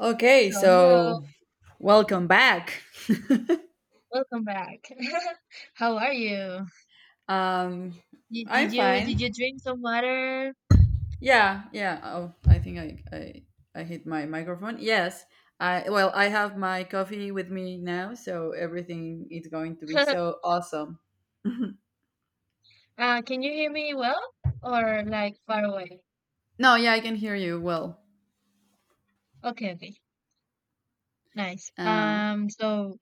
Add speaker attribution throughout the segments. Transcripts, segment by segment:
Speaker 1: Okay,
Speaker 2: So hello,
Speaker 1: so welcome back.
Speaker 2: welcome back. How are you?
Speaker 1: um,
Speaker 2: Y-
Speaker 1: I'm
Speaker 2: Did you did you
Speaker 1: fine.
Speaker 2: drink some water?
Speaker 1: Yeah, yeah. Oh, I hit my microphone. Yes. I well, I have my coffee with me now, so everything is going to be so awesome.
Speaker 2: Can you hear me well or like far away?
Speaker 1: No, yeah, I can hear you well.
Speaker 2: Okay, okay, nice.
Speaker 1: Uh,
Speaker 2: So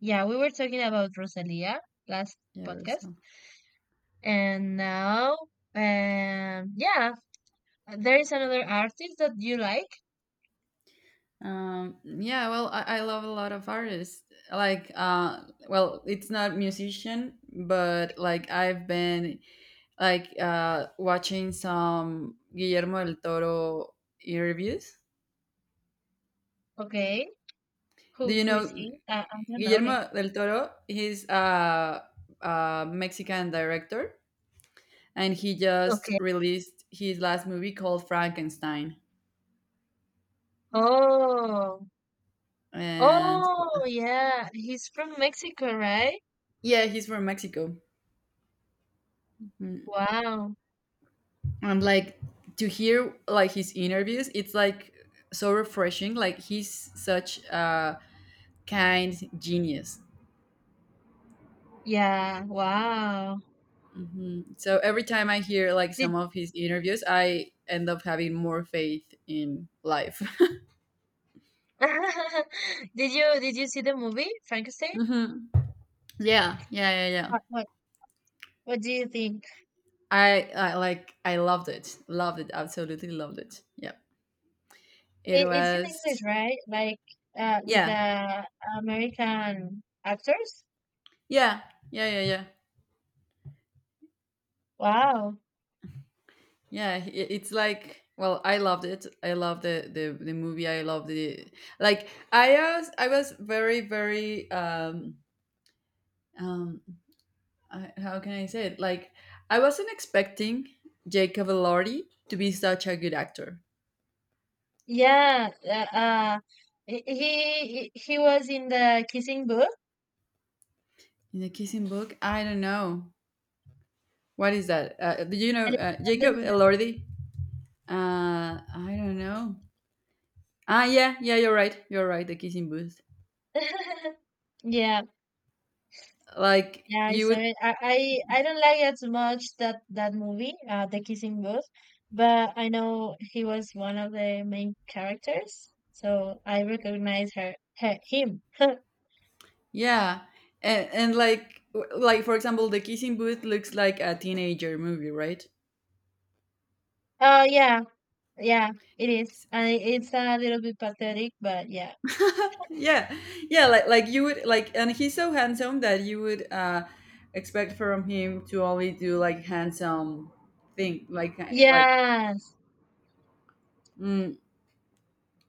Speaker 2: yeah, we were talking about Rosalia last
Speaker 1: yeah,
Speaker 2: podcast,
Speaker 1: so.
Speaker 2: and now yeah, there is another artist that you like.
Speaker 1: Yeah, well, I love a lot of artists. Like, uh, well, it's not musician, but like I've been watching some Guillermo del Toro interviews.
Speaker 2: Okay,
Speaker 1: Do
Speaker 2: who
Speaker 1: you
Speaker 2: who is
Speaker 1: know
Speaker 2: he? I don't know him.
Speaker 1: Guillermo del Toro? He's a Mexican director, and he just
Speaker 2: Okay.
Speaker 1: released his last movie called Frankenstein.
Speaker 2: Oh,
Speaker 1: And
Speaker 2: oh yeah, he's from Mexico, right?
Speaker 1: yeah, he's from Mexico. Mm.
Speaker 2: Wow.
Speaker 1: And like to hear like his interviews, it's like so refreshing. Like he's such a kind genius.
Speaker 2: Yeah, wow.
Speaker 1: Mhm. So every time I hear like some
Speaker 2: Did
Speaker 1: of his interviews, I end up having more faith in life.
Speaker 2: Did you see the movie Frankenstein?
Speaker 1: hmm Yeah, yeah, yeah, yeah.
Speaker 2: What what, what do you think?
Speaker 1: I like I loved it, absolutely loved it. Yeah, it
Speaker 2: It's in English,
Speaker 1: was.
Speaker 2: right? Like with
Speaker 1: Yeah,
Speaker 2: the American actors?
Speaker 1: yeah, yeah, yeah, yeah,
Speaker 2: Wow.
Speaker 1: yeah. It's like well, I loved it. I loved the movie. I loved the like. I was very very um I, how can I say it? Like, I wasn't expecting Jacob Elordi to be such a good actor.
Speaker 2: Yeah, uh he was in the Kissing Booth
Speaker 1: In the Kissing Book, I don't know. What is that? Do you know
Speaker 2: and
Speaker 1: Jacob Elordi? I don't know. Ah, yeah, yeah, you're right. You're right. The Kissing Booth.
Speaker 2: Yeah.
Speaker 1: Like,
Speaker 2: Yeah, I
Speaker 1: you
Speaker 2: saw
Speaker 1: would,
Speaker 2: it. I don't like as much that movie, The Kissing Booth, but I know he was one of the main characters, so I recognize her, her him.
Speaker 1: yeah. And like, w- like for example, the Kissing Booth looks like a teenager movie, right?
Speaker 2: Oh yeah, yeah, it is. It's a little bit pathetic, but yeah.
Speaker 1: yeah yeah like you would like and he's so handsome that you would expect from him to only do like handsome thing like ki- like
Speaker 2: Yes.
Speaker 1: mm,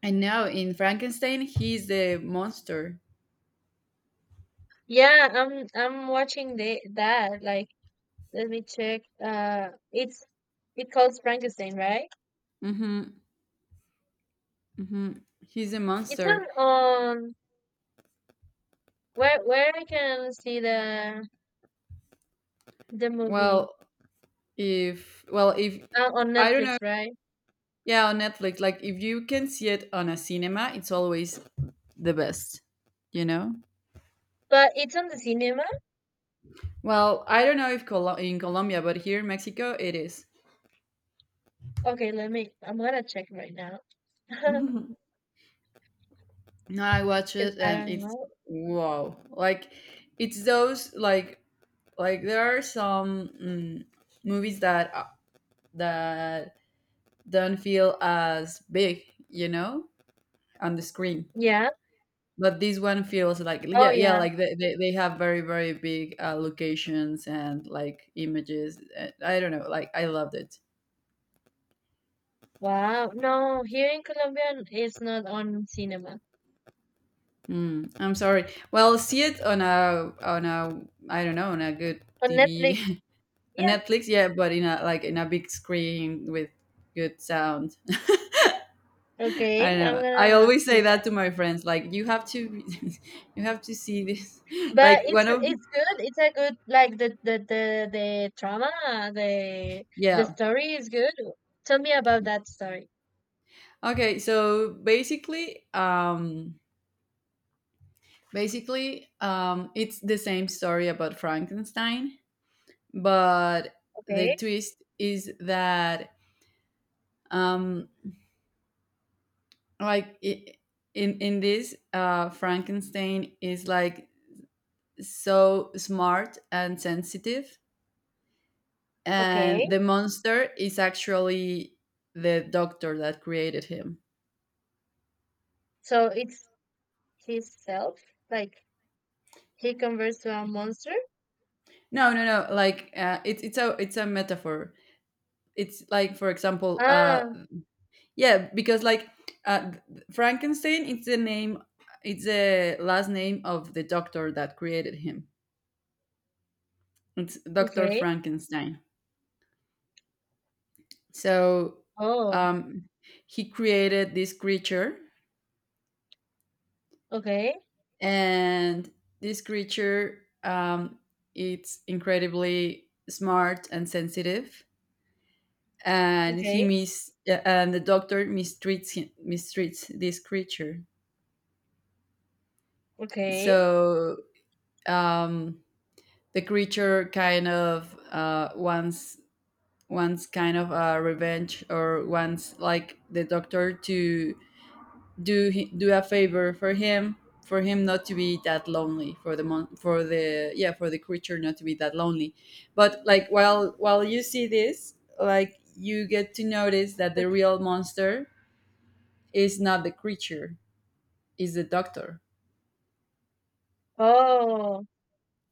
Speaker 1: and now in Frankenstein he's the monster.
Speaker 2: Yeah, I'm watching the that. Like, let me check. It calls Frankenstein, right?
Speaker 1: Mm-hmm, mm-hmm. He's a
Speaker 2: It's
Speaker 1: monster.
Speaker 2: on, where I can see the movie,
Speaker 1: Well if well if
Speaker 2: on
Speaker 1: I don't know,
Speaker 2: Netflix, right?
Speaker 1: yeah, on Netflix, like if you can see it on a cinema, it's always the best, you know.
Speaker 2: But it's on the cinema.
Speaker 1: Well, I don't know if Col- in Colombia, but here in Mexico it is.
Speaker 2: Okay, let me. I'm gonna check right now.
Speaker 1: No, I watch
Speaker 2: 'Cause
Speaker 1: it
Speaker 2: I
Speaker 1: and
Speaker 2: don't
Speaker 1: it's
Speaker 2: know.
Speaker 1: wow. Like it's those like there are some movies that that don't feel as big, you know, on the screen.
Speaker 2: Yeah.
Speaker 1: But this one feels like
Speaker 2: Oh
Speaker 1: yeah, yeah,
Speaker 2: yeah.
Speaker 1: like they, they have very very big locations and like images. I don't know, like I loved it.
Speaker 2: Wow. No, here in Colombia it's not on cinema.
Speaker 1: Mm, I'm sorry. Well, see it on a I don't know on a good
Speaker 2: On Netflix.
Speaker 1: TV On
Speaker 2: Yeah.
Speaker 1: Netflix, yeah, but in a like in a big screen with good sound. I
Speaker 2: Okay.
Speaker 1: don't
Speaker 2: I'm
Speaker 1: know. I
Speaker 2: gonna
Speaker 1: always
Speaker 2: do
Speaker 1: say that
Speaker 2: that.
Speaker 1: to my friends. Like you have to, you have to see this.
Speaker 2: But
Speaker 1: Like
Speaker 2: it's
Speaker 1: one of
Speaker 2: it's good. It's a good, like, the drama, the the
Speaker 1: yeah.
Speaker 2: story is good. Tell me about that story.
Speaker 1: Okay, so basically, it's the same story about Frankenstein, but the
Speaker 2: Okay.
Speaker 1: twist is that um, like I in this, Frankenstein is like so smart and sensitive and
Speaker 2: Okay.
Speaker 1: the monster is actually the doctor that created him.
Speaker 2: So it's his self, like. He converts to a monster?
Speaker 1: No, no, no. Like it's a it's a metaphor. It's like for example,
Speaker 2: Ah,
Speaker 1: yeah, because like uh, Frankenstein, it's the name, it's the last name of the doctor that created him. It's Doctor
Speaker 2: okay.
Speaker 1: Frankenstein. So
Speaker 2: Oh,
Speaker 1: um, he created this creature
Speaker 2: okay.
Speaker 1: and this creature, it's incredibly smart and sensitive and he
Speaker 2: Okay.
Speaker 1: mis yeah, and the doctor mistreats him, mistreats this creature
Speaker 2: Okay.
Speaker 1: so um, the creature kind of wants kind of a revenge or wants like the doctor to do he, do a favor for him, for him not to be that lonely for the mon- for the yeah for the creature not to be that lonely, but like while you see this like you get to notice that the real monster is not the creature, is the doctor.
Speaker 2: Oh,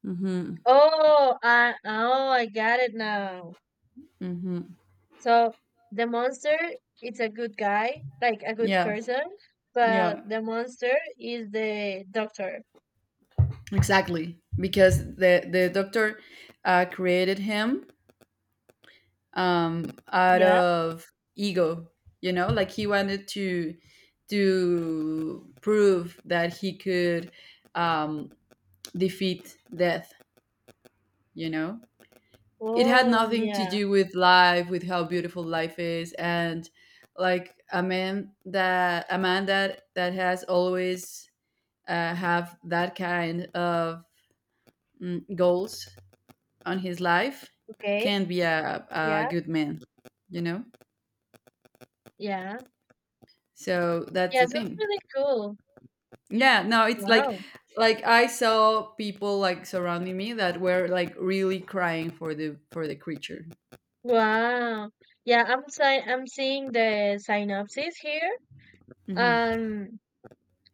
Speaker 1: Mm-hmm.
Speaker 2: oh, I got it now.
Speaker 1: Mm-hmm.
Speaker 2: So the monster is a good guy, like a good
Speaker 1: Yeah,
Speaker 2: person, but
Speaker 1: yeah,
Speaker 2: the monster is the doctor.
Speaker 1: exactly, because the doctor created him out
Speaker 2: Yeah.
Speaker 1: of ego. You know, like he wanted to prove that he could um, defeat death. You know, it had
Speaker 2: Oh,
Speaker 1: nothing to
Speaker 2: yeah.
Speaker 1: do with life, with how beautiful life is, and like a man that that has always have that kind of goals on his life
Speaker 2: Okay.
Speaker 1: can be a
Speaker 2: Yeah.
Speaker 1: good man, you know,
Speaker 2: Yeah.
Speaker 1: so that's
Speaker 2: Yeah,
Speaker 1: the
Speaker 2: sounds
Speaker 1: thing.
Speaker 2: really cool.
Speaker 1: Yeah, no, it's
Speaker 2: Wow.
Speaker 1: like I saw people like surrounding me that were like really crying for the creature.
Speaker 2: Wow. Yeah, I'm seeing the synopsis here.
Speaker 1: Hmm
Speaker 2: Um,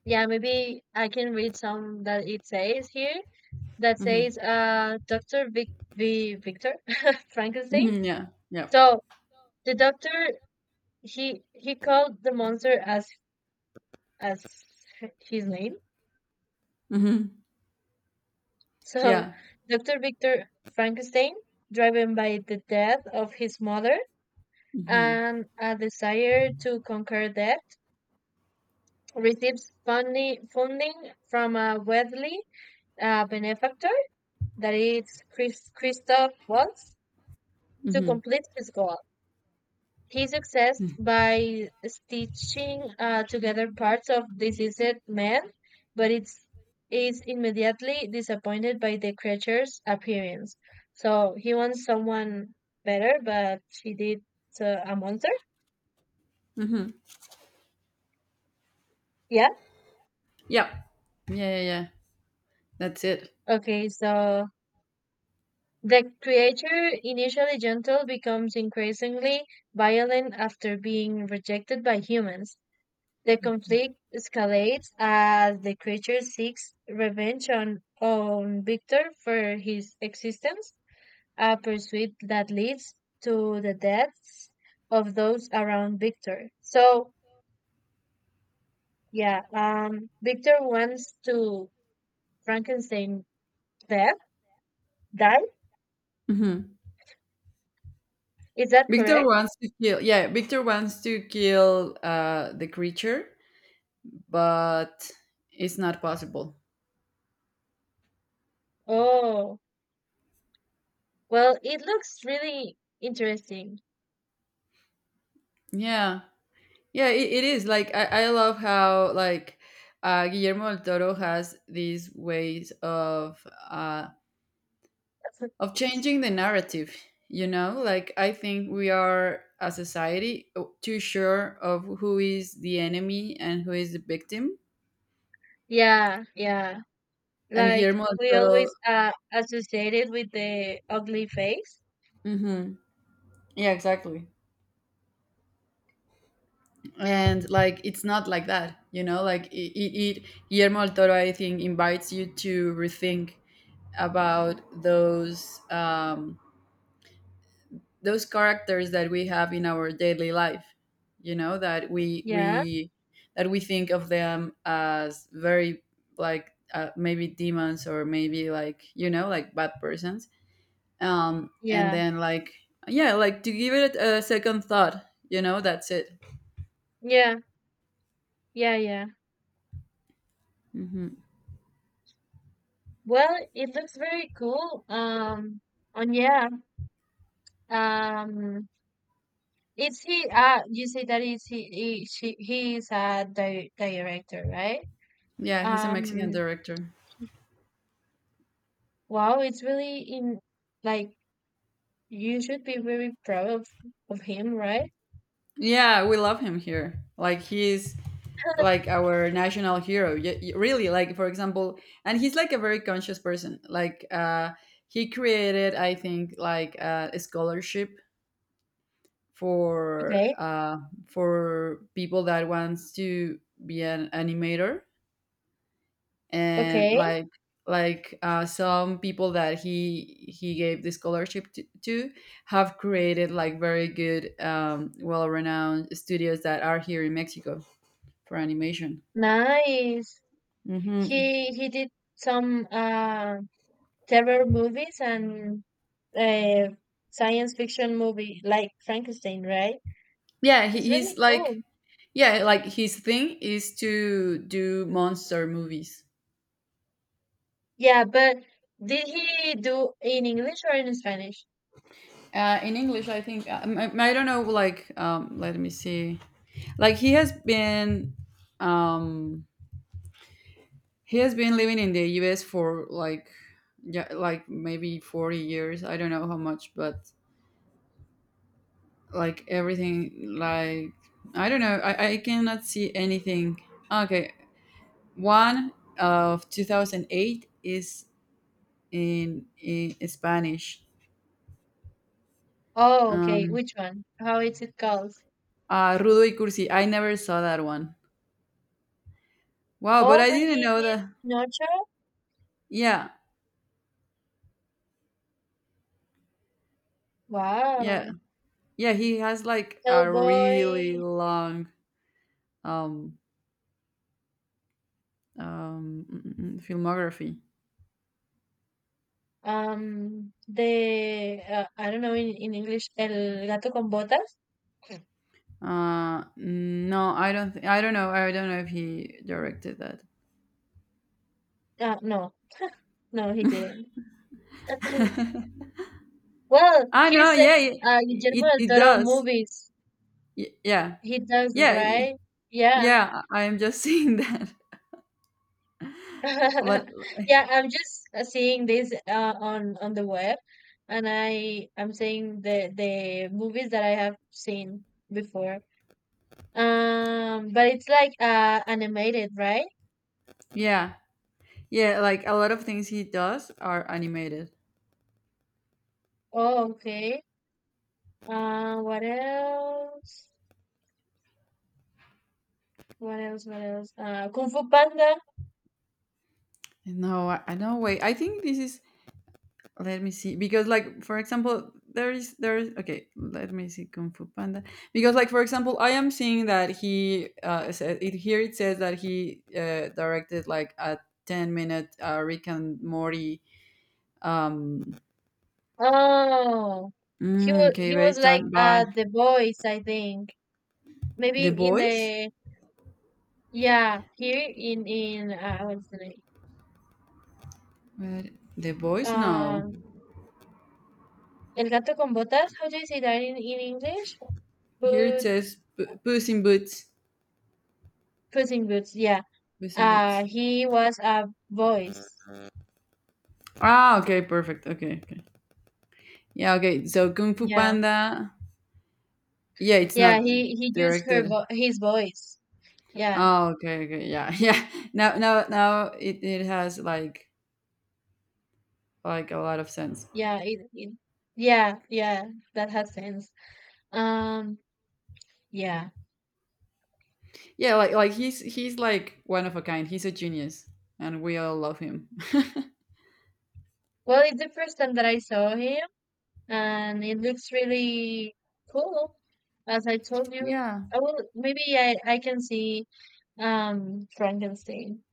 Speaker 2: Yeah, maybe I can read some that it says here, that
Speaker 1: hmm
Speaker 2: says Dr. Victor Frankenstein.
Speaker 1: hmm yeah,
Speaker 2: So the doctor he called the monster as as his name.
Speaker 1: hmm
Speaker 2: So
Speaker 1: yeah,
Speaker 2: Dr. Victor Frankenstein, driven by the death of his mother
Speaker 1: hmm
Speaker 2: and a desire to conquer death, receives funding from a wealthy benefactor that is Christoph Waltz to
Speaker 1: hmm
Speaker 2: complete his goal. He succeeds by stitching together parts of deceased men, but is immediately disappointed by the creature's appearance. So he wants someone better, but he did a monster.
Speaker 1: hmm
Speaker 2: Yeah.
Speaker 1: yeah, yeah, yeah, yeah. That's it.
Speaker 2: Okay, so the creature, initially gentle, becomes increasingly violent after being rejected by humans. The conflict escalates as the creature seeks revenge on Victor for his existence, a pursuit that leads to the deaths of those around Victor. So, yeah, Victor wants to Frankenstein death, die.
Speaker 1: Hmm
Speaker 2: Is that
Speaker 1: Victor
Speaker 2: correct?
Speaker 1: wants to kill. Yeah, Victor wants to kill the creature, but it's not possible.
Speaker 2: Oh, well, it looks really interesting.
Speaker 1: Yeah, yeah, it is. Like I love how like Guillermo del Toro has these ways of changing the narrative. You know, like I think we are a society too sure of who is the enemy and who is the victim.
Speaker 2: Yeah, yeah.
Speaker 1: And
Speaker 2: Like
Speaker 1: Guillermo del
Speaker 2: we
Speaker 1: Toro,
Speaker 2: always associate it with the ugly face.
Speaker 1: hmm yeah, exactly. And like it's not like that. You know, like it, it Guillermo del Toro, I think, invites you to rethink about those. Those characters that we have in our daily life, you know,
Speaker 2: Yeah,
Speaker 1: that we think of them as very like maybe demons or maybe like you know like bad persons um and
Speaker 2: yeah,
Speaker 1: then like yeah like to give it a second thought, you know, that's it.
Speaker 2: yeah, yeah, yeah.
Speaker 1: Hmm
Speaker 2: Well, it looks very cool. And yeah, um, is he? You say that is he? He she, he is a di director, right?
Speaker 1: Yeah, he's a Mexican
Speaker 2: Um,
Speaker 1: director.
Speaker 2: wow, it's really in, like, you should be very proud of him, right?
Speaker 1: Yeah, we love him here. Like he's like our national hero. Y- y- Really, like for example, and he's like a very conscious person. Like he created, I think, like a scholarship for
Speaker 2: Okay,
Speaker 1: uh, for people that wants to be an animator, and
Speaker 2: okay,
Speaker 1: like some people that he gave the scholarship to have created like very good well-renowned studios that are here in Mexico for animation.
Speaker 2: nice.
Speaker 1: Hmm
Speaker 2: He did some terror movies and uh, science fiction movie like Frankenstein, right?
Speaker 1: Yeah,
Speaker 2: It's
Speaker 1: he's
Speaker 2: really
Speaker 1: like
Speaker 2: cool.
Speaker 1: yeah, like his thing is to do monster movies.
Speaker 2: Yeah, but did he do in English or in Spanish?
Speaker 1: In English, I think I don't know. Like, let me see. Like um, he has been living in the U.S. for like, yeah, like maybe 40 years. I don't know how much, but like everything, like I don't know. I cannot see anything. Okay, one of 2008 is in Spanish.
Speaker 2: Oh, okay.
Speaker 1: Um,
Speaker 2: Which one? How is it called?
Speaker 1: Rudo y Cursi. I never saw that one. Wow, but
Speaker 2: Oh,
Speaker 1: I
Speaker 2: but
Speaker 1: didn't
Speaker 2: he
Speaker 1: know
Speaker 2: did
Speaker 1: that.
Speaker 2: Nacho.
Speaker 1: Yeah, yeah,
Speaker 2: Wow.
Speaker 1: yeah. He has like a really
Speaker 2: Hellboy.
Speaker 1: long um, filmography.
Speaker 2: The I don't know in English. El gato con botas.
Speaker 1: No, I don't. Th- I don't know. I don't know if he directed that.
Speaker 2: No, no, he didn't. Well,
Speaker 1: I
Speaker 2: he
Speaker 1: know.
Speaker 2: says
Speaker 1: Yeah, it it,
Speaker 2: Guillermo del
Speaker 1: it
Speaker 2: Toro
Speaker 1: does.
Speaker 2: movies.
Speaker 1: Y- yeah,
Speaker 2: He does it,
Speaker 1: yeah, y-
Speaker 2: right? Yeah.
Speaker 1: yeah. I am just seeing that, but
Speaker 2: Yeah, I'm just seeing this on the web, and I'm seeing the movies that I have seen before. But it's like animated, right?
Speaker 1: yeah. Yeah, like a lot of things he does are animated.
Speaker 2: Oh, okay. What else? What else? What else? Kung Fu Panda.
Speaker 1: No, I- no way. I think this is. Let me see, because like for example, there is okay. Let me see Kung Fu Panda, because like for example, I am seeing that he said it here. It says that he directed like a 10 minute Rick and Morty. Um,
Speaker 2: Oh,
Speaker 1: okay,
Speaker 2: he was,
Speaker 1: based
Speaker 2: like,
Speaker 1: on by
Speaker 2: the voice, I think. Maybe
Speaker 1: The
Speaker 2: in
Speaker 1: Boys.
Speaker 2: the— Yeah, here in, what's the name?
Speaker 1: Where, the Boys? No,
Speaker 2: Um, El gato con botas. How do you say that in English?
Speaker 1: here it
Speaker 2: Boot,
Speaker 1: says P- Puss in Boots.
Speaker 2: Puss in Boots. Yeah.
Speaker 1: Puss in Boots.
Speaker 2: He was a voice.
Speaker 1: Ah, okay, perfect. Okay, okay. Yeah, okay. So Kung Fu
Speaker 2: Yeah,
Speaker 1: Panda. Yeah, it's
Speaker 2: yeah.
Speaker 1: not
Speaker 2: He used her
Speaker 1: directed.
Speaker 2: vo his voice. Yeah,
Speaker 1: Oh, okay, okay. Yeah, yeah. Now, now, now it has like a lot of sense.
Speaker 2: yeah. Yeah, yeah. That has sense. Um, yeah.
Speaker 1: Yeah, like he's like one of a kind. He's a genius, and we all love him.
Speaker 2: Well, it's the first time that I saw him, and it looks really cool. As I told you,
Speaker 1: yeah,
Speaker 2: I will, maybe I can see Frankenstein,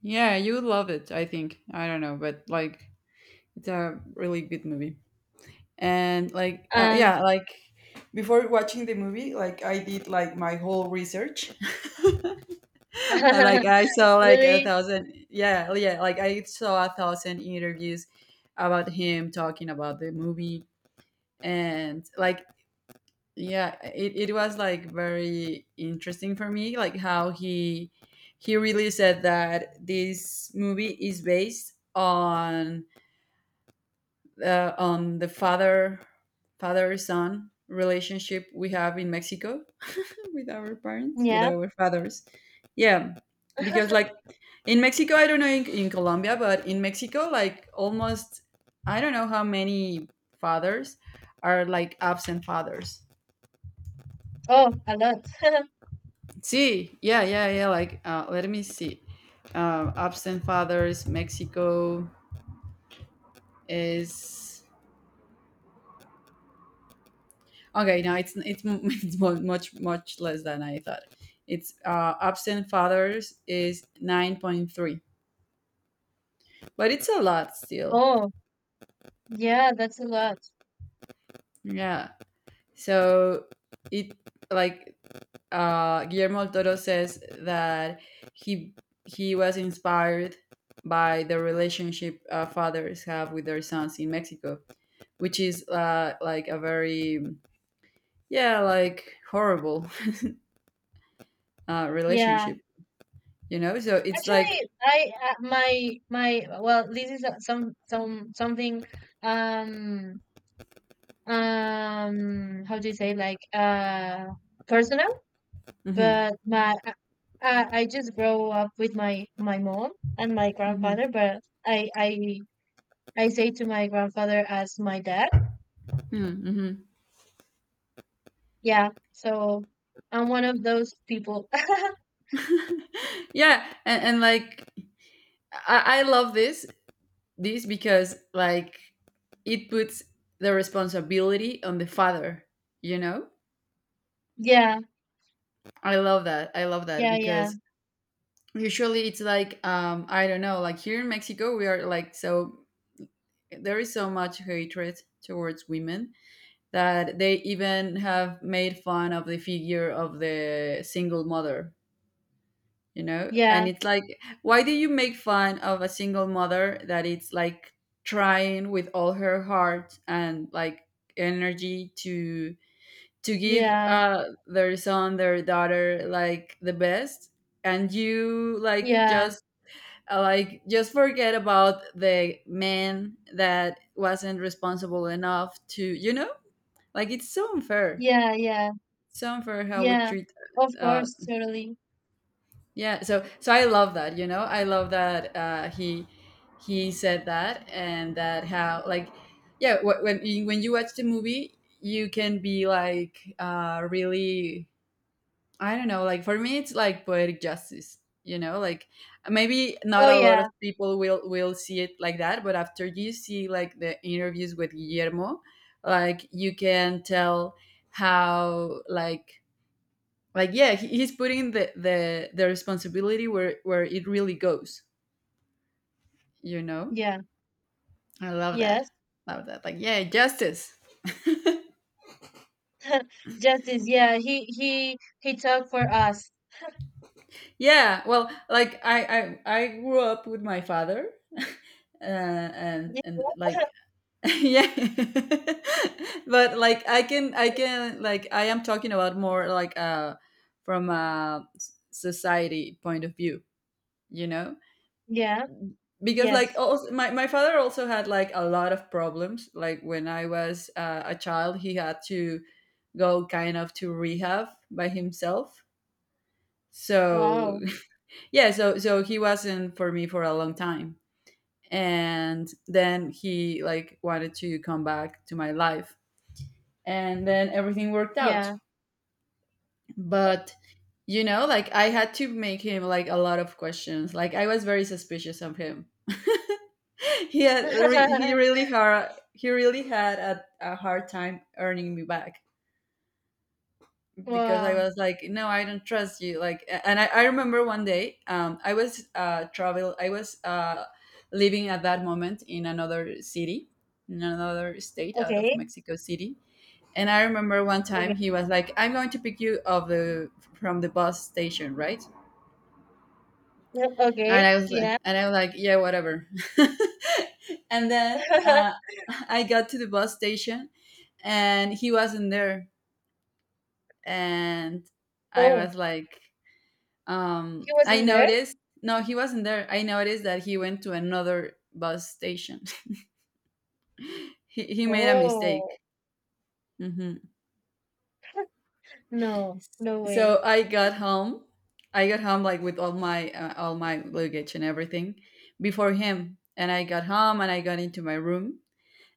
Speaker 1: yeah. You would love it. I think. I don't know, but like it's a really good movie. And like,
Speaker 2: and
Speaker 1: yeah, like before watching the movie, like I did like my whole research. I, like I saw like a
Speaker 2: really
Speaker 1: thousand yeah yeah like I saw a thousand interviews about him talking about the movie and like yeah it was like very interesting for me like how he really said that this movie is based on the father son relationship we have in Mexico with our parents, with
Speaker 2: yeah
Speaker 1: our fathers. Yeah, because like in Mexico, I don't know in Colombia, but in Mexico, like almost I don't know how many fathers are like absent fathers.
Speaker 2: oh a lot
Speaker 1: See, yeah, yeah, yeah. Like, let me see. Absent fathers, Mexico is Okay, no, it's it's mu- much much less than I thought. It's absent fathers is 9.3, but it's a lot still.
Speaker 2: oh yeah that's a lot
Speaker 1: Yeah. So it like Guillermo del Toro says that he he was inspired by the relationship fathers have with their sons in Mexico, which is like a very yeah like horrible
Speaker 2: yeah
Speaker 1: relationship. You know, so it's like.
Speaker 2: actually, I my my well, this is something, um how do you say, like, personal?
Speaker 1: Mhm.
Speaker 2: But my I just grow up with my mom and my grandfather, but I I I say to my grandfather as my dad.
Speaker 1: Mm,
Speaker 2: Yeah. So I'm one of those people.
Speaker 1: mm-hmm. yeah, and like I love this this because like it puts the responsibility on the father. You know,
Speaker 2: Yeah,
Speaker 1: I love that. I love that
Speaker 2: yeah, yeah,
Speaker 1: because usually it's like I don't know. Like here in Mexico, we are like so there is so much hatred towards women that they even have made fun of the figure of the single mother, you know, and
Speaker 2: yeah,
Speaker 1: it's like why do you make fun of a single mother that it's like trying with all her heart and like energy to to give
Speaker 2: yeah,
Speaker 1: uh their son, their daughter, like the best. And you
Speaker 2: yeah,
Speaker 1: like just forget about the man that wasn't responsible enough to, you know, like it's so unfair,
Speaker 2: yeah, yeah,
Speaker 1: so unfair how we
Speaker 2: yeah.
Speaker 1: treat
Speaker 2: Of
Speaker 1: uh
Speaker 2: course, totally.
Speaker 1: Yeah, so I love that, you know, I love that, he said that and that how like yeah when you watch the movie you can be like really, I don't know, like for me it's like poetic justice, you know, like maybe not
Speaker 2: Oh
Speaker 1: a lot
Speaker 2: yeah,
Speaker 1: of people will see it like that, but after you see like the interviews with Guillermo, like you can tell how like yeah he, he's putting the, the responsibility where it really goes, you know.
Speaker 2: yeah,
Speaker 1: I love that.
Speaker 2: yes.
Speaker 1: Love that, like yeah, justice.
Speaker 2: Justice, yeah, he talked for us.
Speaker 1: Yeah, well, like I grew up with my father, and like yeah, but like I can I can like I am talking about more like from a society point of view, you know,
Speaker 2: Yeah,
Speaker 1: because like
Speaker 2: yes.
Speaker 1: also, my father also had like a lot of problems like when I was a child. He had to go kind of to rehab by himself, so
Speaker 2: Wow.
Speaker 1: yeah, so he wasn't for me for a long time, and then he like wanted to come back to my life, and then everything worked out.
Speaker 2: Yeah.
Speaker 1: But you know like I had to make him like a lot of questions, like I was very suspicious of him. He really hard he really had a hard time earning me back, because I
Speaker 2: Wow.
Speaker 1: was like, no, I don't trust you. Like, and I remember one day, I was I was living at that moment in another city, in another state out of
Speaker 2: Okay,
Speaker 1: Mexico City, and I remember one
Speaker 2: okay,
Speaker 1: time he was like, I'm going to pick you of the from the bus station, right?
Speaker 2: no,
Speaker 1: And
Speaker 2: okay,
Speaker 1: I was
Speaker 2: yeah.
Speaker 1: and I was like, yeah, whatever. and then I got to the bus station, and he wasn't there, and I
Speaker 2: Oh,
Speaker 1: was like,
Speaker 2: he
Speaker 1: I
Speaker 2: wasn't there?
Speaker 1: noticed. No, he wasn't there. I noticed that he went to another bus station. He made a mistake.
Speaker 2: Oh,
Speaker 1: Hmm.
Speaker 2: no, no way.
Speaker 1: So I got home. I got home like with all my luggage and everything before him, and I got home and I got into my room.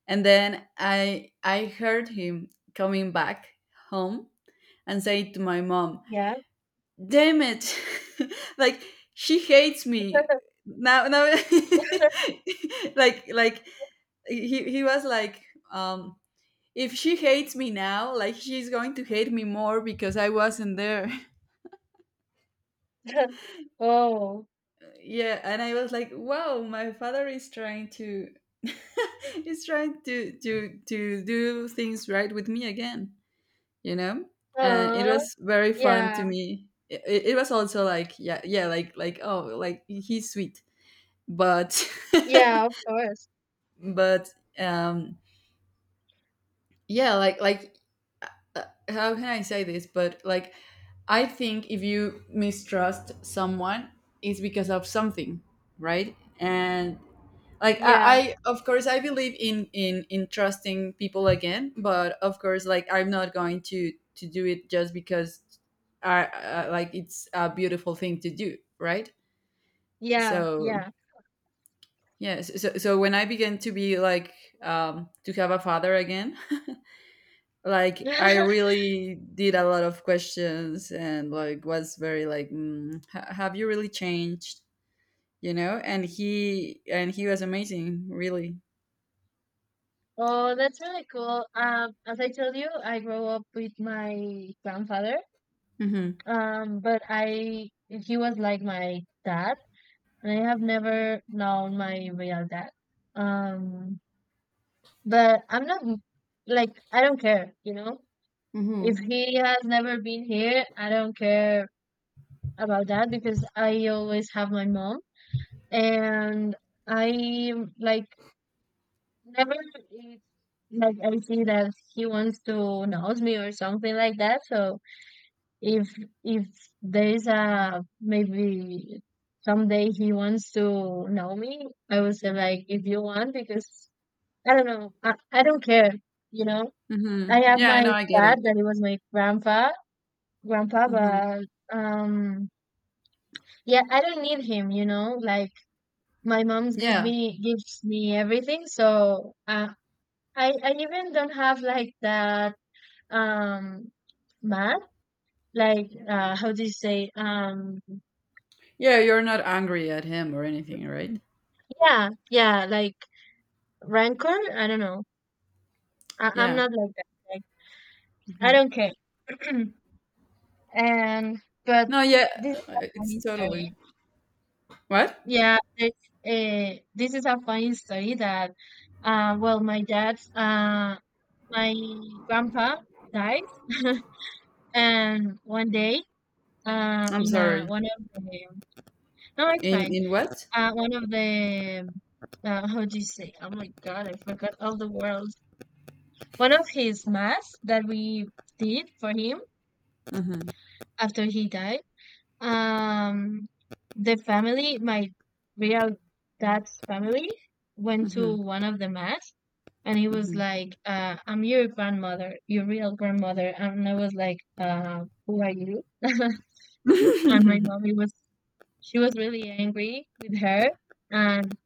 Speaker 1: And then I heard him coming back home and saying to my mom,
Speaker 2: Yeah.
Speaker 1: "Damn it! like she hates me now." Now, like he was like, um, "If she hates me now, like she's going to hate me more because I wasn't there."
Speaker 2: Oh,
Speaker 1: yeah, and I was like, "Wow, my father is trying to." is trying to to do things right with me again, you know. And it
Speaker 2: uh,
Speaker 1: was very fun to
Speaker 2: yeah,
Speaker 1: me. It was also like yeah yeah like oh like he's sweet, but
Speaker 2: yeah, of course.
Speaker 1: but um yeah like uh, how can I say this, but like I think if you mistrust someone it's because of something, right? And like
Speaker 2: Yeah,
Speaker 1: I of course I believe in in trusting people again, but of course like I'm not going to do it just because I like it's a beautiful thing to do, right?
Speaker 2: yeah,
Speaker 1: So
Speaker 2: yeah.
Speaker 1: yes, so, so when I began to be like to have a father again, like I really did a lot of questions and like was very like have you really changed, you know. And he and he was amazing, really.
Speaker 2: Oh, that's really cool. As I told you, I grew up with my grandfather.
Speaker 1: Hmm.
Speaker 2: But I he was like my dad, and I have never known my real dad. Um, But I'm not like, I don't care, you know. If
Speaker 1: Mhm.
Speaker 2: he has never been here, I don't care about that, because I always have my mom, and I like never it's like I see that he wants to know me or something like that. So if if there's a, maybe someday he wants to know me, I would say, like, if you want, because I don't know, I don't care, you know. I
Speaker 1: Mhm.
Speaker 2: have
Speaker 1: Yeah,
Speaker 2: my
Speaker 1: no, I get it.
Speaker 2: dad that it was my grandpa,
Speaker 1: Mhm.
Speaker 2: but um, yeah, I don't need him, you know. Like, my mom's
Speaker 1: Yeah.
Speaker 2: gives me everything, so I even don't have, like, that um math, like, how do you say,
Speaker 1: Yeah, you're not angry at him or anything, right?
Speaker 2: yeah like, rancor. I don't know. I'm
Speaker 1: Yeah.
Speaker 2: not like that. Like, I
Speaker 1: Mhm.
Speaker 2: don't care. and But
Speaker 1: No, yeah,
Speaker 2: this is a
Speaker 1: it's
Speaker 2: funny story.
Speaker 1: totally. What?
Speaker 2: Yeah, this is a funny story that, well, my grandpa died, and one day,
Speaker 1: I'm
Speaker 2: in a
Speaker 1: sorry.
Speaker 2: one of the— no, it's fine.
Speaker 1: In what?
Speaker 2: One of the, how do you say? Oh my God, I forgot all the words. One of his mass that we did for him
Speaker 1: Mhm.
Speaker 2: after he died. Um, the family, my real dad's family, went to
Speaker 1: Mhm.
Speaker 2: one of the mass, and he was
Speaker 1: Mhm.
Speaker 2: like, "I'm your grandmother, your real grandmother," and I was like, "Who are you?" and my mom, it was she was really angry with her, and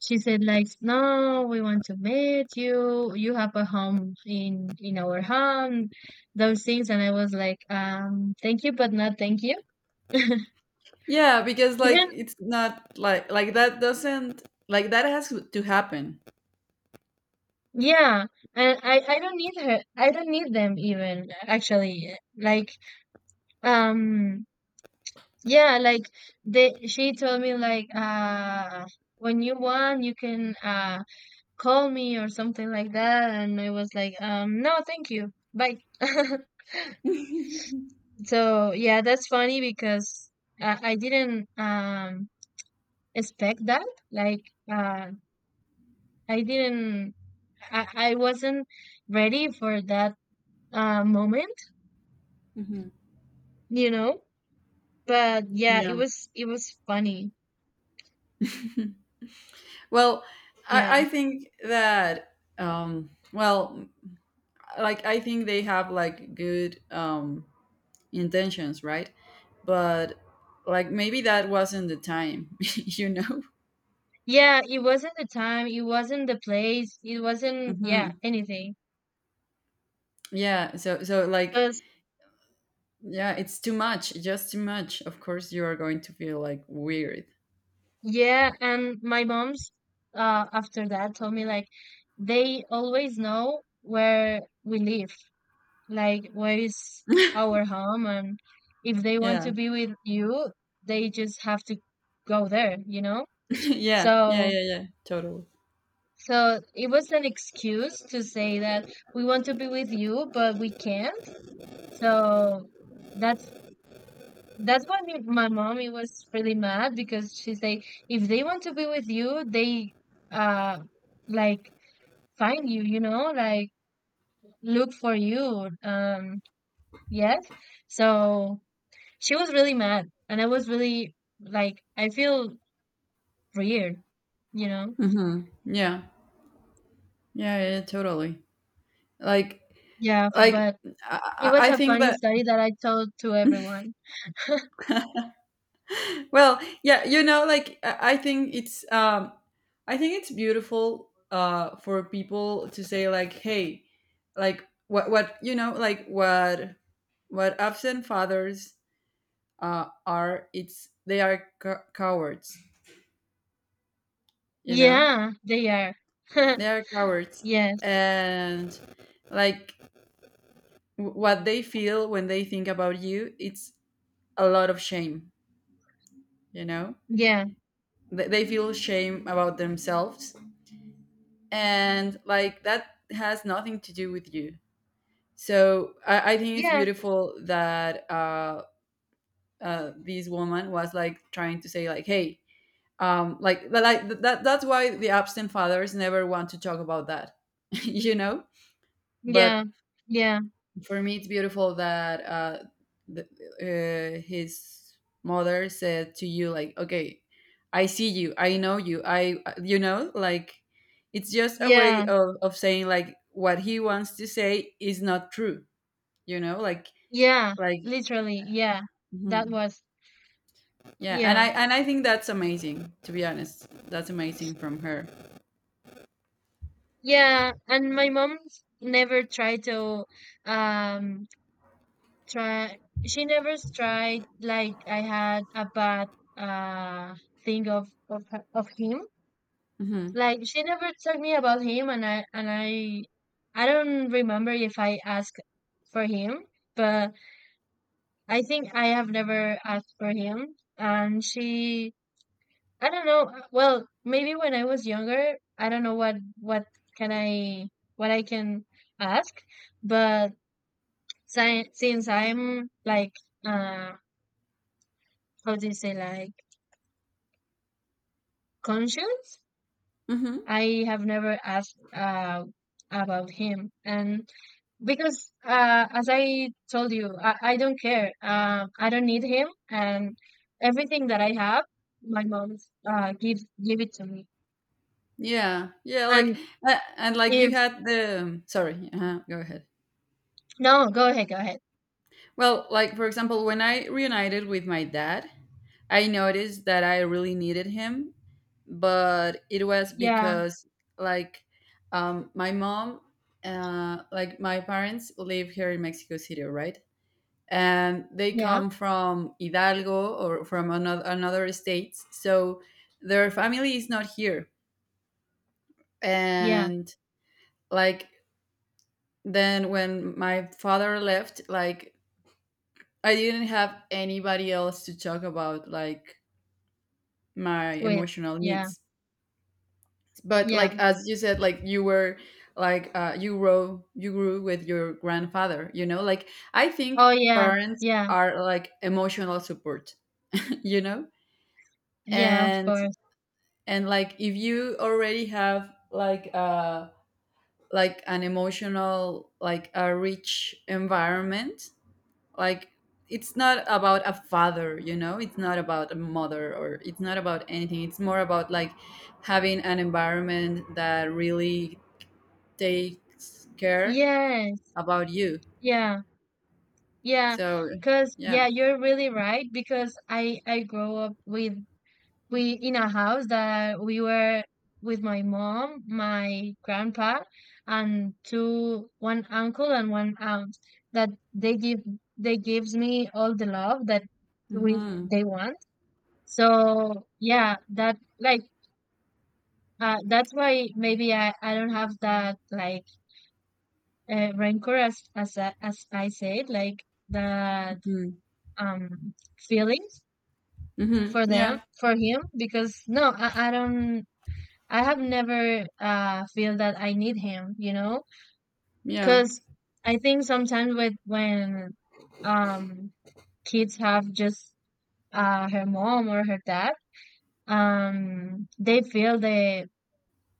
Speaker 2: she said like, "No, we want to meet you. You have a home in our home, those things." And I was like, "Thank you, but not thank you."
Speaker 1: Yeah, because like it's not like like that doesn't like that has to happen.
Speaker 2: Yeah, and I don't need her. I don't need them even, actually. Like, um yeah, like, they she told me, like, when you want you can call me or something like that, and I was like, no, thank you. Bye. So yeah, that's funny, because I didn't expect that. Like, uh I didn't I, I wasn't ready for that moment,
Speaker 1: Mhm.
Speaker 2: you know? But yeah,
Speaker 1: Yeah.
Speaker 2: it was funny.
Speaker 1: Well,
Speaker 2: Yeah.
Speaker 1: I think that well like I think they have like good intentions, right? But like maybe that wasn't the time, you know?
Speaker 2: Yeah, it wasn't the time, it wasn't the place, it wasn't, yeah,
Speaker 1: Hmm.
Speaker 2: anything.
Speaker 1: Yeah, so so like
Speaker 2: Because,
Speaker 1: yeah, it's too much, just too much. Of course you are going to feel like weird.
Speaker 2: yeah, and my mom's, after that, told me like they always know where we live, like where is our home, and if they want
Speaker 1: Yeah.
Speaker 2: to be with you, they just have to go there, you know?
Speaker 1: yeah, yeah,
Speaker 2: So
Speaker 1: yeah, yeah, totally.
Speaker 2: so it was an excuse to say that we want to be with you, but we can't. So that's that's why my mommy was really mad, because she's like, if they want to be with you, they uh like find you, you know, like look for you. Yes. So she was really mad, and I was really like, I feel weird, you know.
Speaker 1: Hmm. Yeah. Yeah, yeah, yeah, totally. Like
Speaker 2: Yeah,
Speaker 1: like
Speaker 2: but it
Speaker 1: I, I
Speaker 2: was
Speaker 1: I
Speaker 2: a
Speaker 1: think
Speaker 2: funny
Speaker 1: that.
Speaker 2: story that I told to everyone.
Speaker 1: Well, yeah, you know, like I think it's I think it's beautiful, for people to say like, hey, like what, you know, like what absent fathers are, it's they are cowards, you know?
Speaker 2: Yeah, they are.
Speaker 1: They are cowards.
Speaker 2: Yes.
Speaker 1: And like what they feel when they think about you, it's a lot of shame, you know?
Speaker 2: Yeah.
Speaker 1: They feel shame about themselves, and like that has nothing to do with you. So I think it's
Speaker 2: Yeah.
Speaker 1: beautiful that this woman was like trying to say like, hey, like that that's why the absent fathers never want to talk about that, you know. But
Speaker 2: Yeah. Yeah.
Speaker 1: for me it's beautiful that, the, his mother said to you like, okay, I see you, I know you, I you know, like it's just a way
Speaker 2: Yeah,
Speaker 1: of saying like what he wants to say is not true, you know,
Speaker 2: yeah,
Speaker 1: like
Speaker 2: literally, yeah. That
Speaker 1: mhm.
Speaker 2: was,
Speaker 1: Yeah, and i
Speaker 2: yeah.
Speaker 1: and i think that's amazing, to be honest. That's amazing from her.
Speaker 2: Yeah, and my mom never tried to um try she never tried, like I had a bad uh thing of her— of him.
Speaker 1: Hmm.
Speaker 2: Like, she never told me about him, and I don't remember if I asked for him, but I think I have never asked for him, and she I don't know. Well, maybe when I was younger, I don't know what can I what I can ask, but si since I'm like uh how do you say like conscious,
Speaker 1: Hmm.
Speaker 2: I have never asked about him and because as I told you, I don't care. I don't need him, and everything that I have, my mom give it to me.
Speaker 1: Yeah, yeah, like
Speaker 2: And
Speaker 1: and like you
Speaker 2: if
Speaker 1: had the sorry go ahead.
Speaker 2: no, go ahead, go ahead.
Speaker 1: Well, like for example, when I reunited with my dad, I noticed that I really needed him, but it was
Speaker 2: Yeah,
Speaker 1: because like my mom, like my parents live here in Mexico City, right? And they
Speaker 2: yeah,
Speaker 1: come from Hidalgo or from another states, so their family is not here.
Speaker 2: yeah,
Speaker 1: And like then when my father left, like I didn't have anybody else to talk about like my
Speaker 2: with,
Speaker 1: emotional
Speaker 2: yeah,
Speaker 1: needs. But
Speaker 2: yeah.
Speaker 1: like as you said, like you were like, you grow you grew with your grandfather, you know. Like I think
Speaker 2: Oh yeah,
Speaker 1: parents
Speaker 2: yeah,
Speaker 1: are like emotional support, you know.
Speaker 2: yeah, of
Speaker 1: and
Speaker 2: course.
Speaker 1: and like if you already have like an emotional like a rich environment, like it's not about a father, you know, it's not about a mother, or it's not about anything. It's more about like having an environment that really takes care
Speaker 2: Yes,
Speaker 1: about you,
Speaker 2: yeah, yeah. Because
Speaker 1: so
Speaker 2: yeah. 'Cause
Speaker 1: yeah.
Speaker 2: yeah, you're really right because I grow up with we in a house that we were with my mom, my grandpa, and two one uncle and one aunt that they gives me all the love that we
Speaker 1: Hmm.
Speaker 2: they want. So yeah, that like uh, that's why maybe I don't have that like rancor as I said like that
Speaker 1: Hmm.
Speaker 2: feelings
Speaker 1: Hmm.
Speaker 2: for them
Speaker 1: Yeah.
Speaker 2: for him because no, I, I don't I have never feel that I need him, you know?
Speaker 1: Yeah,
Speaker 2: Because I think sometimes with when um kids have just her mom or her dad they feel the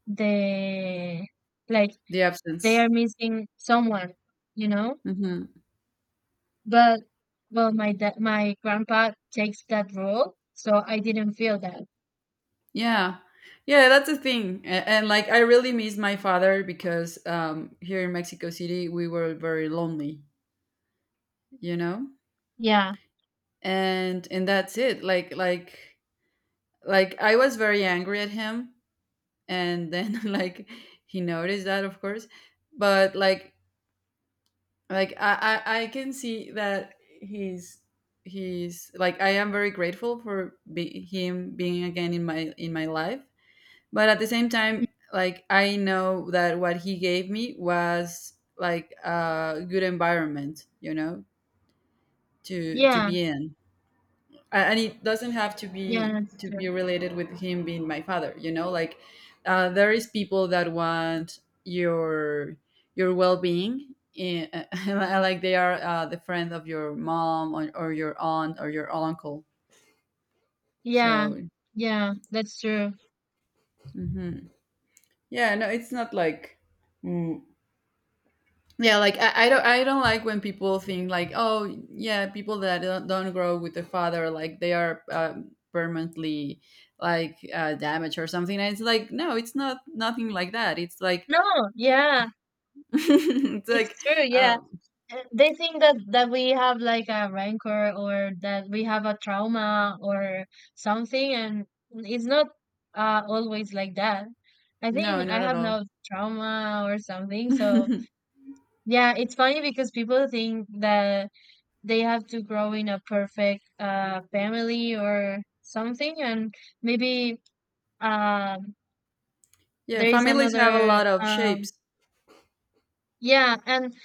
Speaker 2: the like
Speaker 1: the
Speaker 2: they
Speaker 1: absence.
Speaker 2: are missing someone, you know?
Speaker 1: Hmm.
Speaker 2: But well, my grandpa takes that role, so I didn't feel that.
Speaker 1: Yeah, yeah, that's the thing. And like I really miss my father because here in Mexico City we were very lonely, you know.
Speaker 2: Yeah,
Speaker 1: And that's it, like I was very angry at him, and then like he noticed that, of course. But like I can see that he's like, I am very grateful for him being again in my life. But at the same time, like I know that what he gave me was like a good environment, you know, to
Speaker 2: yeah,
Speaker 1: be in. And it doesn't have
Speaker 2: yeah, that's
Speaker 1: to be
Speaker 2: true.
Speaker 1: related with him being my father, you know, like, there is people that want your well-being in, like they are, the friend of your mom, or your aunt or your uncle,
Speaker 2: Yeah,
Speaker 1: so
Speaker 2: yeah, that's true.
Speaker 1: mhm. Yeah, no, it's not like mm, yeah, like I, I don't like when people think like, oh yeah, people that don't grow with their father, like they are, permanently, like, damaged or something. And it's like, no, it's not nothing like that. It's like
Speaker 2: No, yeah,
Speaker 1: it's like
Speaker 2: it's true. Yeah,
Speaker 1: uh,
Speaker 2: uh, they think that we have like a rancor or that we have a trauma or something, and it's not always like that. I
Speaker 1: no,
Speaker 2: think
Speaker 1: not
Speaker 2: I
Speaker 1: at
Speaker 2: have
Speaker 1: all.
Speaker 2: no trauma or something. So yeah, it's funny because people think that they have to grow in a perfect family or something, and maybe um
Speaker 1: yeah,
Speaker 2: there is
Speaker 1: families have a
Speaker 2: another
Speaker 1: lot of shapes.
Speaker 2: yeah, and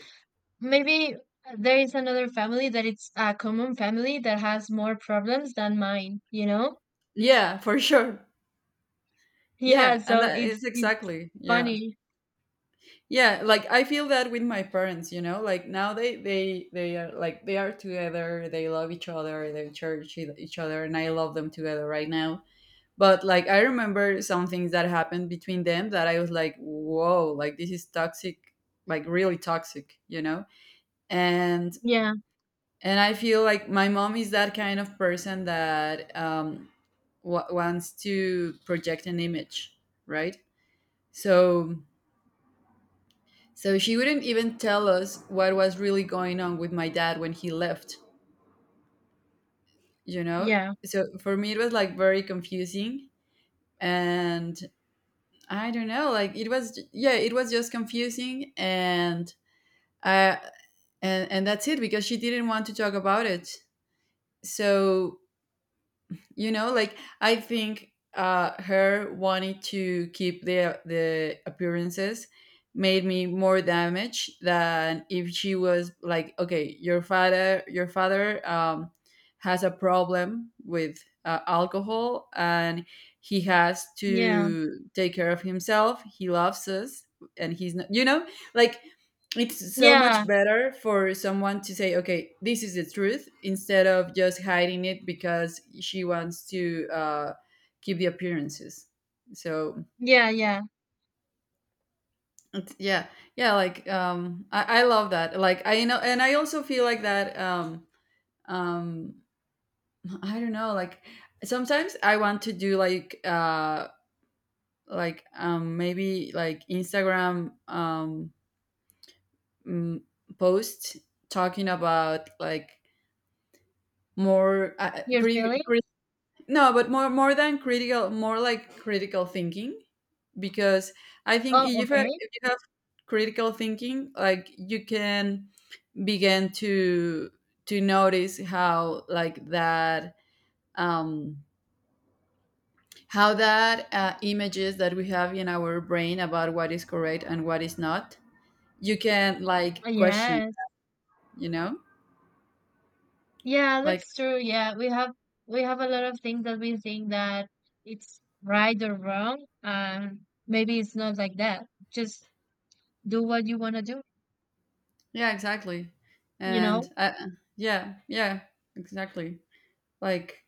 Speaker 2: maybe there is another family that it's a common family that has more problems than mine, you know?
Speaker 1: Yeah, for sure.
Speaker 2: Yeah,
Speaker 1: Yeah, and
Speaker 2: so
Speaker 1: that
Speaker 2: it's
Speaker 1: is
Speaker 2: it's
Speaker 1: exactly yeah.
Speaker 2: funny.
Speaker 1: Yeah, like I feel that with my parents, you know, like now they they are like, they are together, they love each other, they cherish each other, and I love them together right now. But like I remember some things that happened between them that I was like, whoa, like this is toxic, like really toxic, you know. and
Speaker 2: Yeah,
Speaker 1: and I feel like my mom is that kind of person that wants to project an image, right? So so she wouldn't even tell us what was really going on with my dad when he left, you know?
Speaker 2: yeah,
Speaker 1: So for me, it was like very confusing. And I don't know, like it was, yeah, it was just confusing. And, I and that's it because she didn't want to talk about it. So you know like I think her wanting to keep the appearances made me more damaged than if she was like, okay, your father, your father has a problem with, alcohol, and he has
Speaker 2: yeah,
Speaker 1: to take care of himself, he loves us, and he's not, you know, like it's so
Speaker 2: yeah,
Speaker 1: much better for someone to say, okay, this is the truth, instead of just hiding it because she wants to, keep the appearances, so
Speaker 2: yeah, yeah.
Speaker 1: yeah. Yeah, like I love that, like I know, and I also feel like that, um I don't know, like sometimes I want to do like maybe like Instagram mm, post talking about like more,
Speaker 2: Your feelings?
Speaker 1: no, but more more than critical, more like critical thinking, because I think
Speaker 2: Oh, okay.
Speaker 1: if you have critical thinking, like you can begin to notice how like that um how that, images that we have in our brain about what is correct and what is not, you can like question,
Speaker 2: Yes.
Speaker 1: you know,
Speaker 2: Yeah,
Speaker 1: like
Speaker 2: that's true. Yeah, we have a lot of things that we think that it's right or wrong. Maybe it's not like that. Just do what you want to do,
Speaker 1: yeah, exactly.
Speaker 2: you know?
Speaker 1: And yeah yeah, exactly like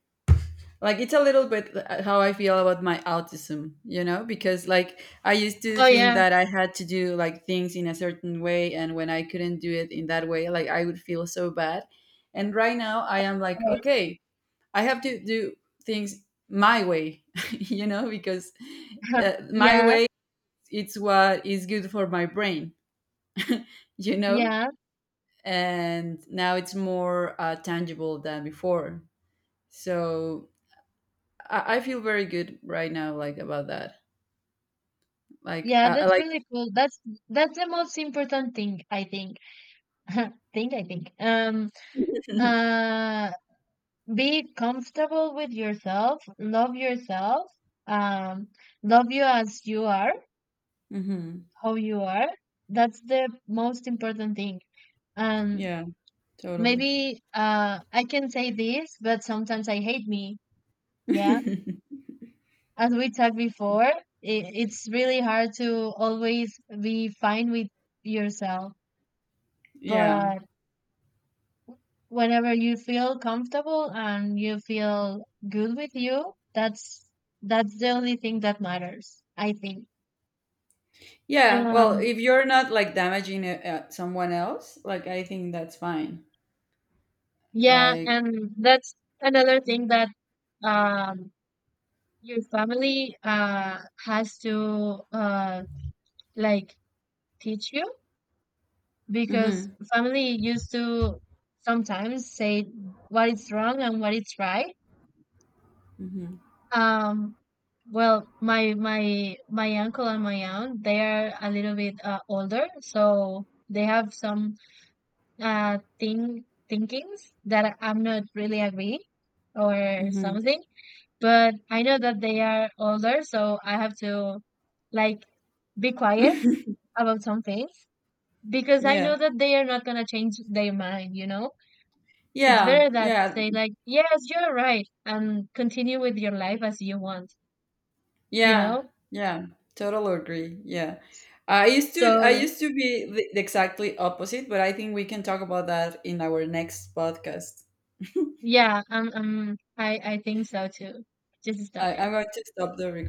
Speaker 1: like it's a little bit, how I feel about my autism, you know, because like I used to
Speaker 2: Oh
Speaker 1: think
Speaker 2: yeah.
Speaker 1: that I had to do like things in a certain way, and when I couldn't do it in that way like I would feel so bad. And right now I am like,
Speaker 2: Yes.
Speaker 1: okay, I have to do things my way, you know, because, my
Speaker 2: Yeah,
Speaker 1: way, it's what is good for my brain, you know.
Speaker 2: yeah.
Speaker 1: And now it's more, tangible than before, so I feel very good right now, like about that. Like,
Speaker 2: Yeah,
Speaker 1: I
Speaker 2: that's
Speaker 1: like.
Speaker 2: really cool. That's the most important thing, I think. Think, I think. Uh, be comfortable with yourself, um, love you as you are,
Speaker 1: hmm.
Speaker 2: how you are. That's the most important thing. And
Speaker 1: Yeah, totally.
Speaker 2: maybe I can say this, but sometimes I hate me, yeah, as we talked before. It's really hard to always be fine with yourself,
Speaker 1: yeah,
Speaker 2: but whenever you feel comfortable and you feel good with you, that's the only thing that matters, I think.
Speaker 1: yeah. Well,
Speaker 2: Um,
Speaker 1: if you're not like damaging, someone else, like I think that's fine.
Speaker 2: yeah,
Speaker 1: Like,
Speaker 2: and that's another thing that um your family has to like teach you, because
Speaker 1: hmm.
Speaker 2: family used to sometimes say what is wrong and what is right.
Speaker 1: Hmm.
Speaker 2: Um, well, my uncle and my aunt, they are a little bit older, so they have some thing thinkings that I'm not really agree or
Speaker 1: Hmm.
Speaker 2: something. But I know that they are older, so I have to like be quiet about some things because I know
Speaker 1: yeah,
Speaker 2: that they are not gonna change their mind, you know? It's
Speaker 1: yeah,
Speaker 2: better that
Speaker 1: yeah,
Speaker 2: say like, yes, you're right, and continue with your life as you want, you
Speaker 1: yeah,
Speaker 2: know?
Speaker 1: yeah. Totally agree. Yeah. I
Speaker 2: So
Speaker 1: used to be the exactly opposite, but I think we can talk about that in our next podcast.
Speaker 2: yeah, I think so too. Just stop
Speaker 1: I, I'm
Speaker 2: it.
Speaker 1: going to stop the recording.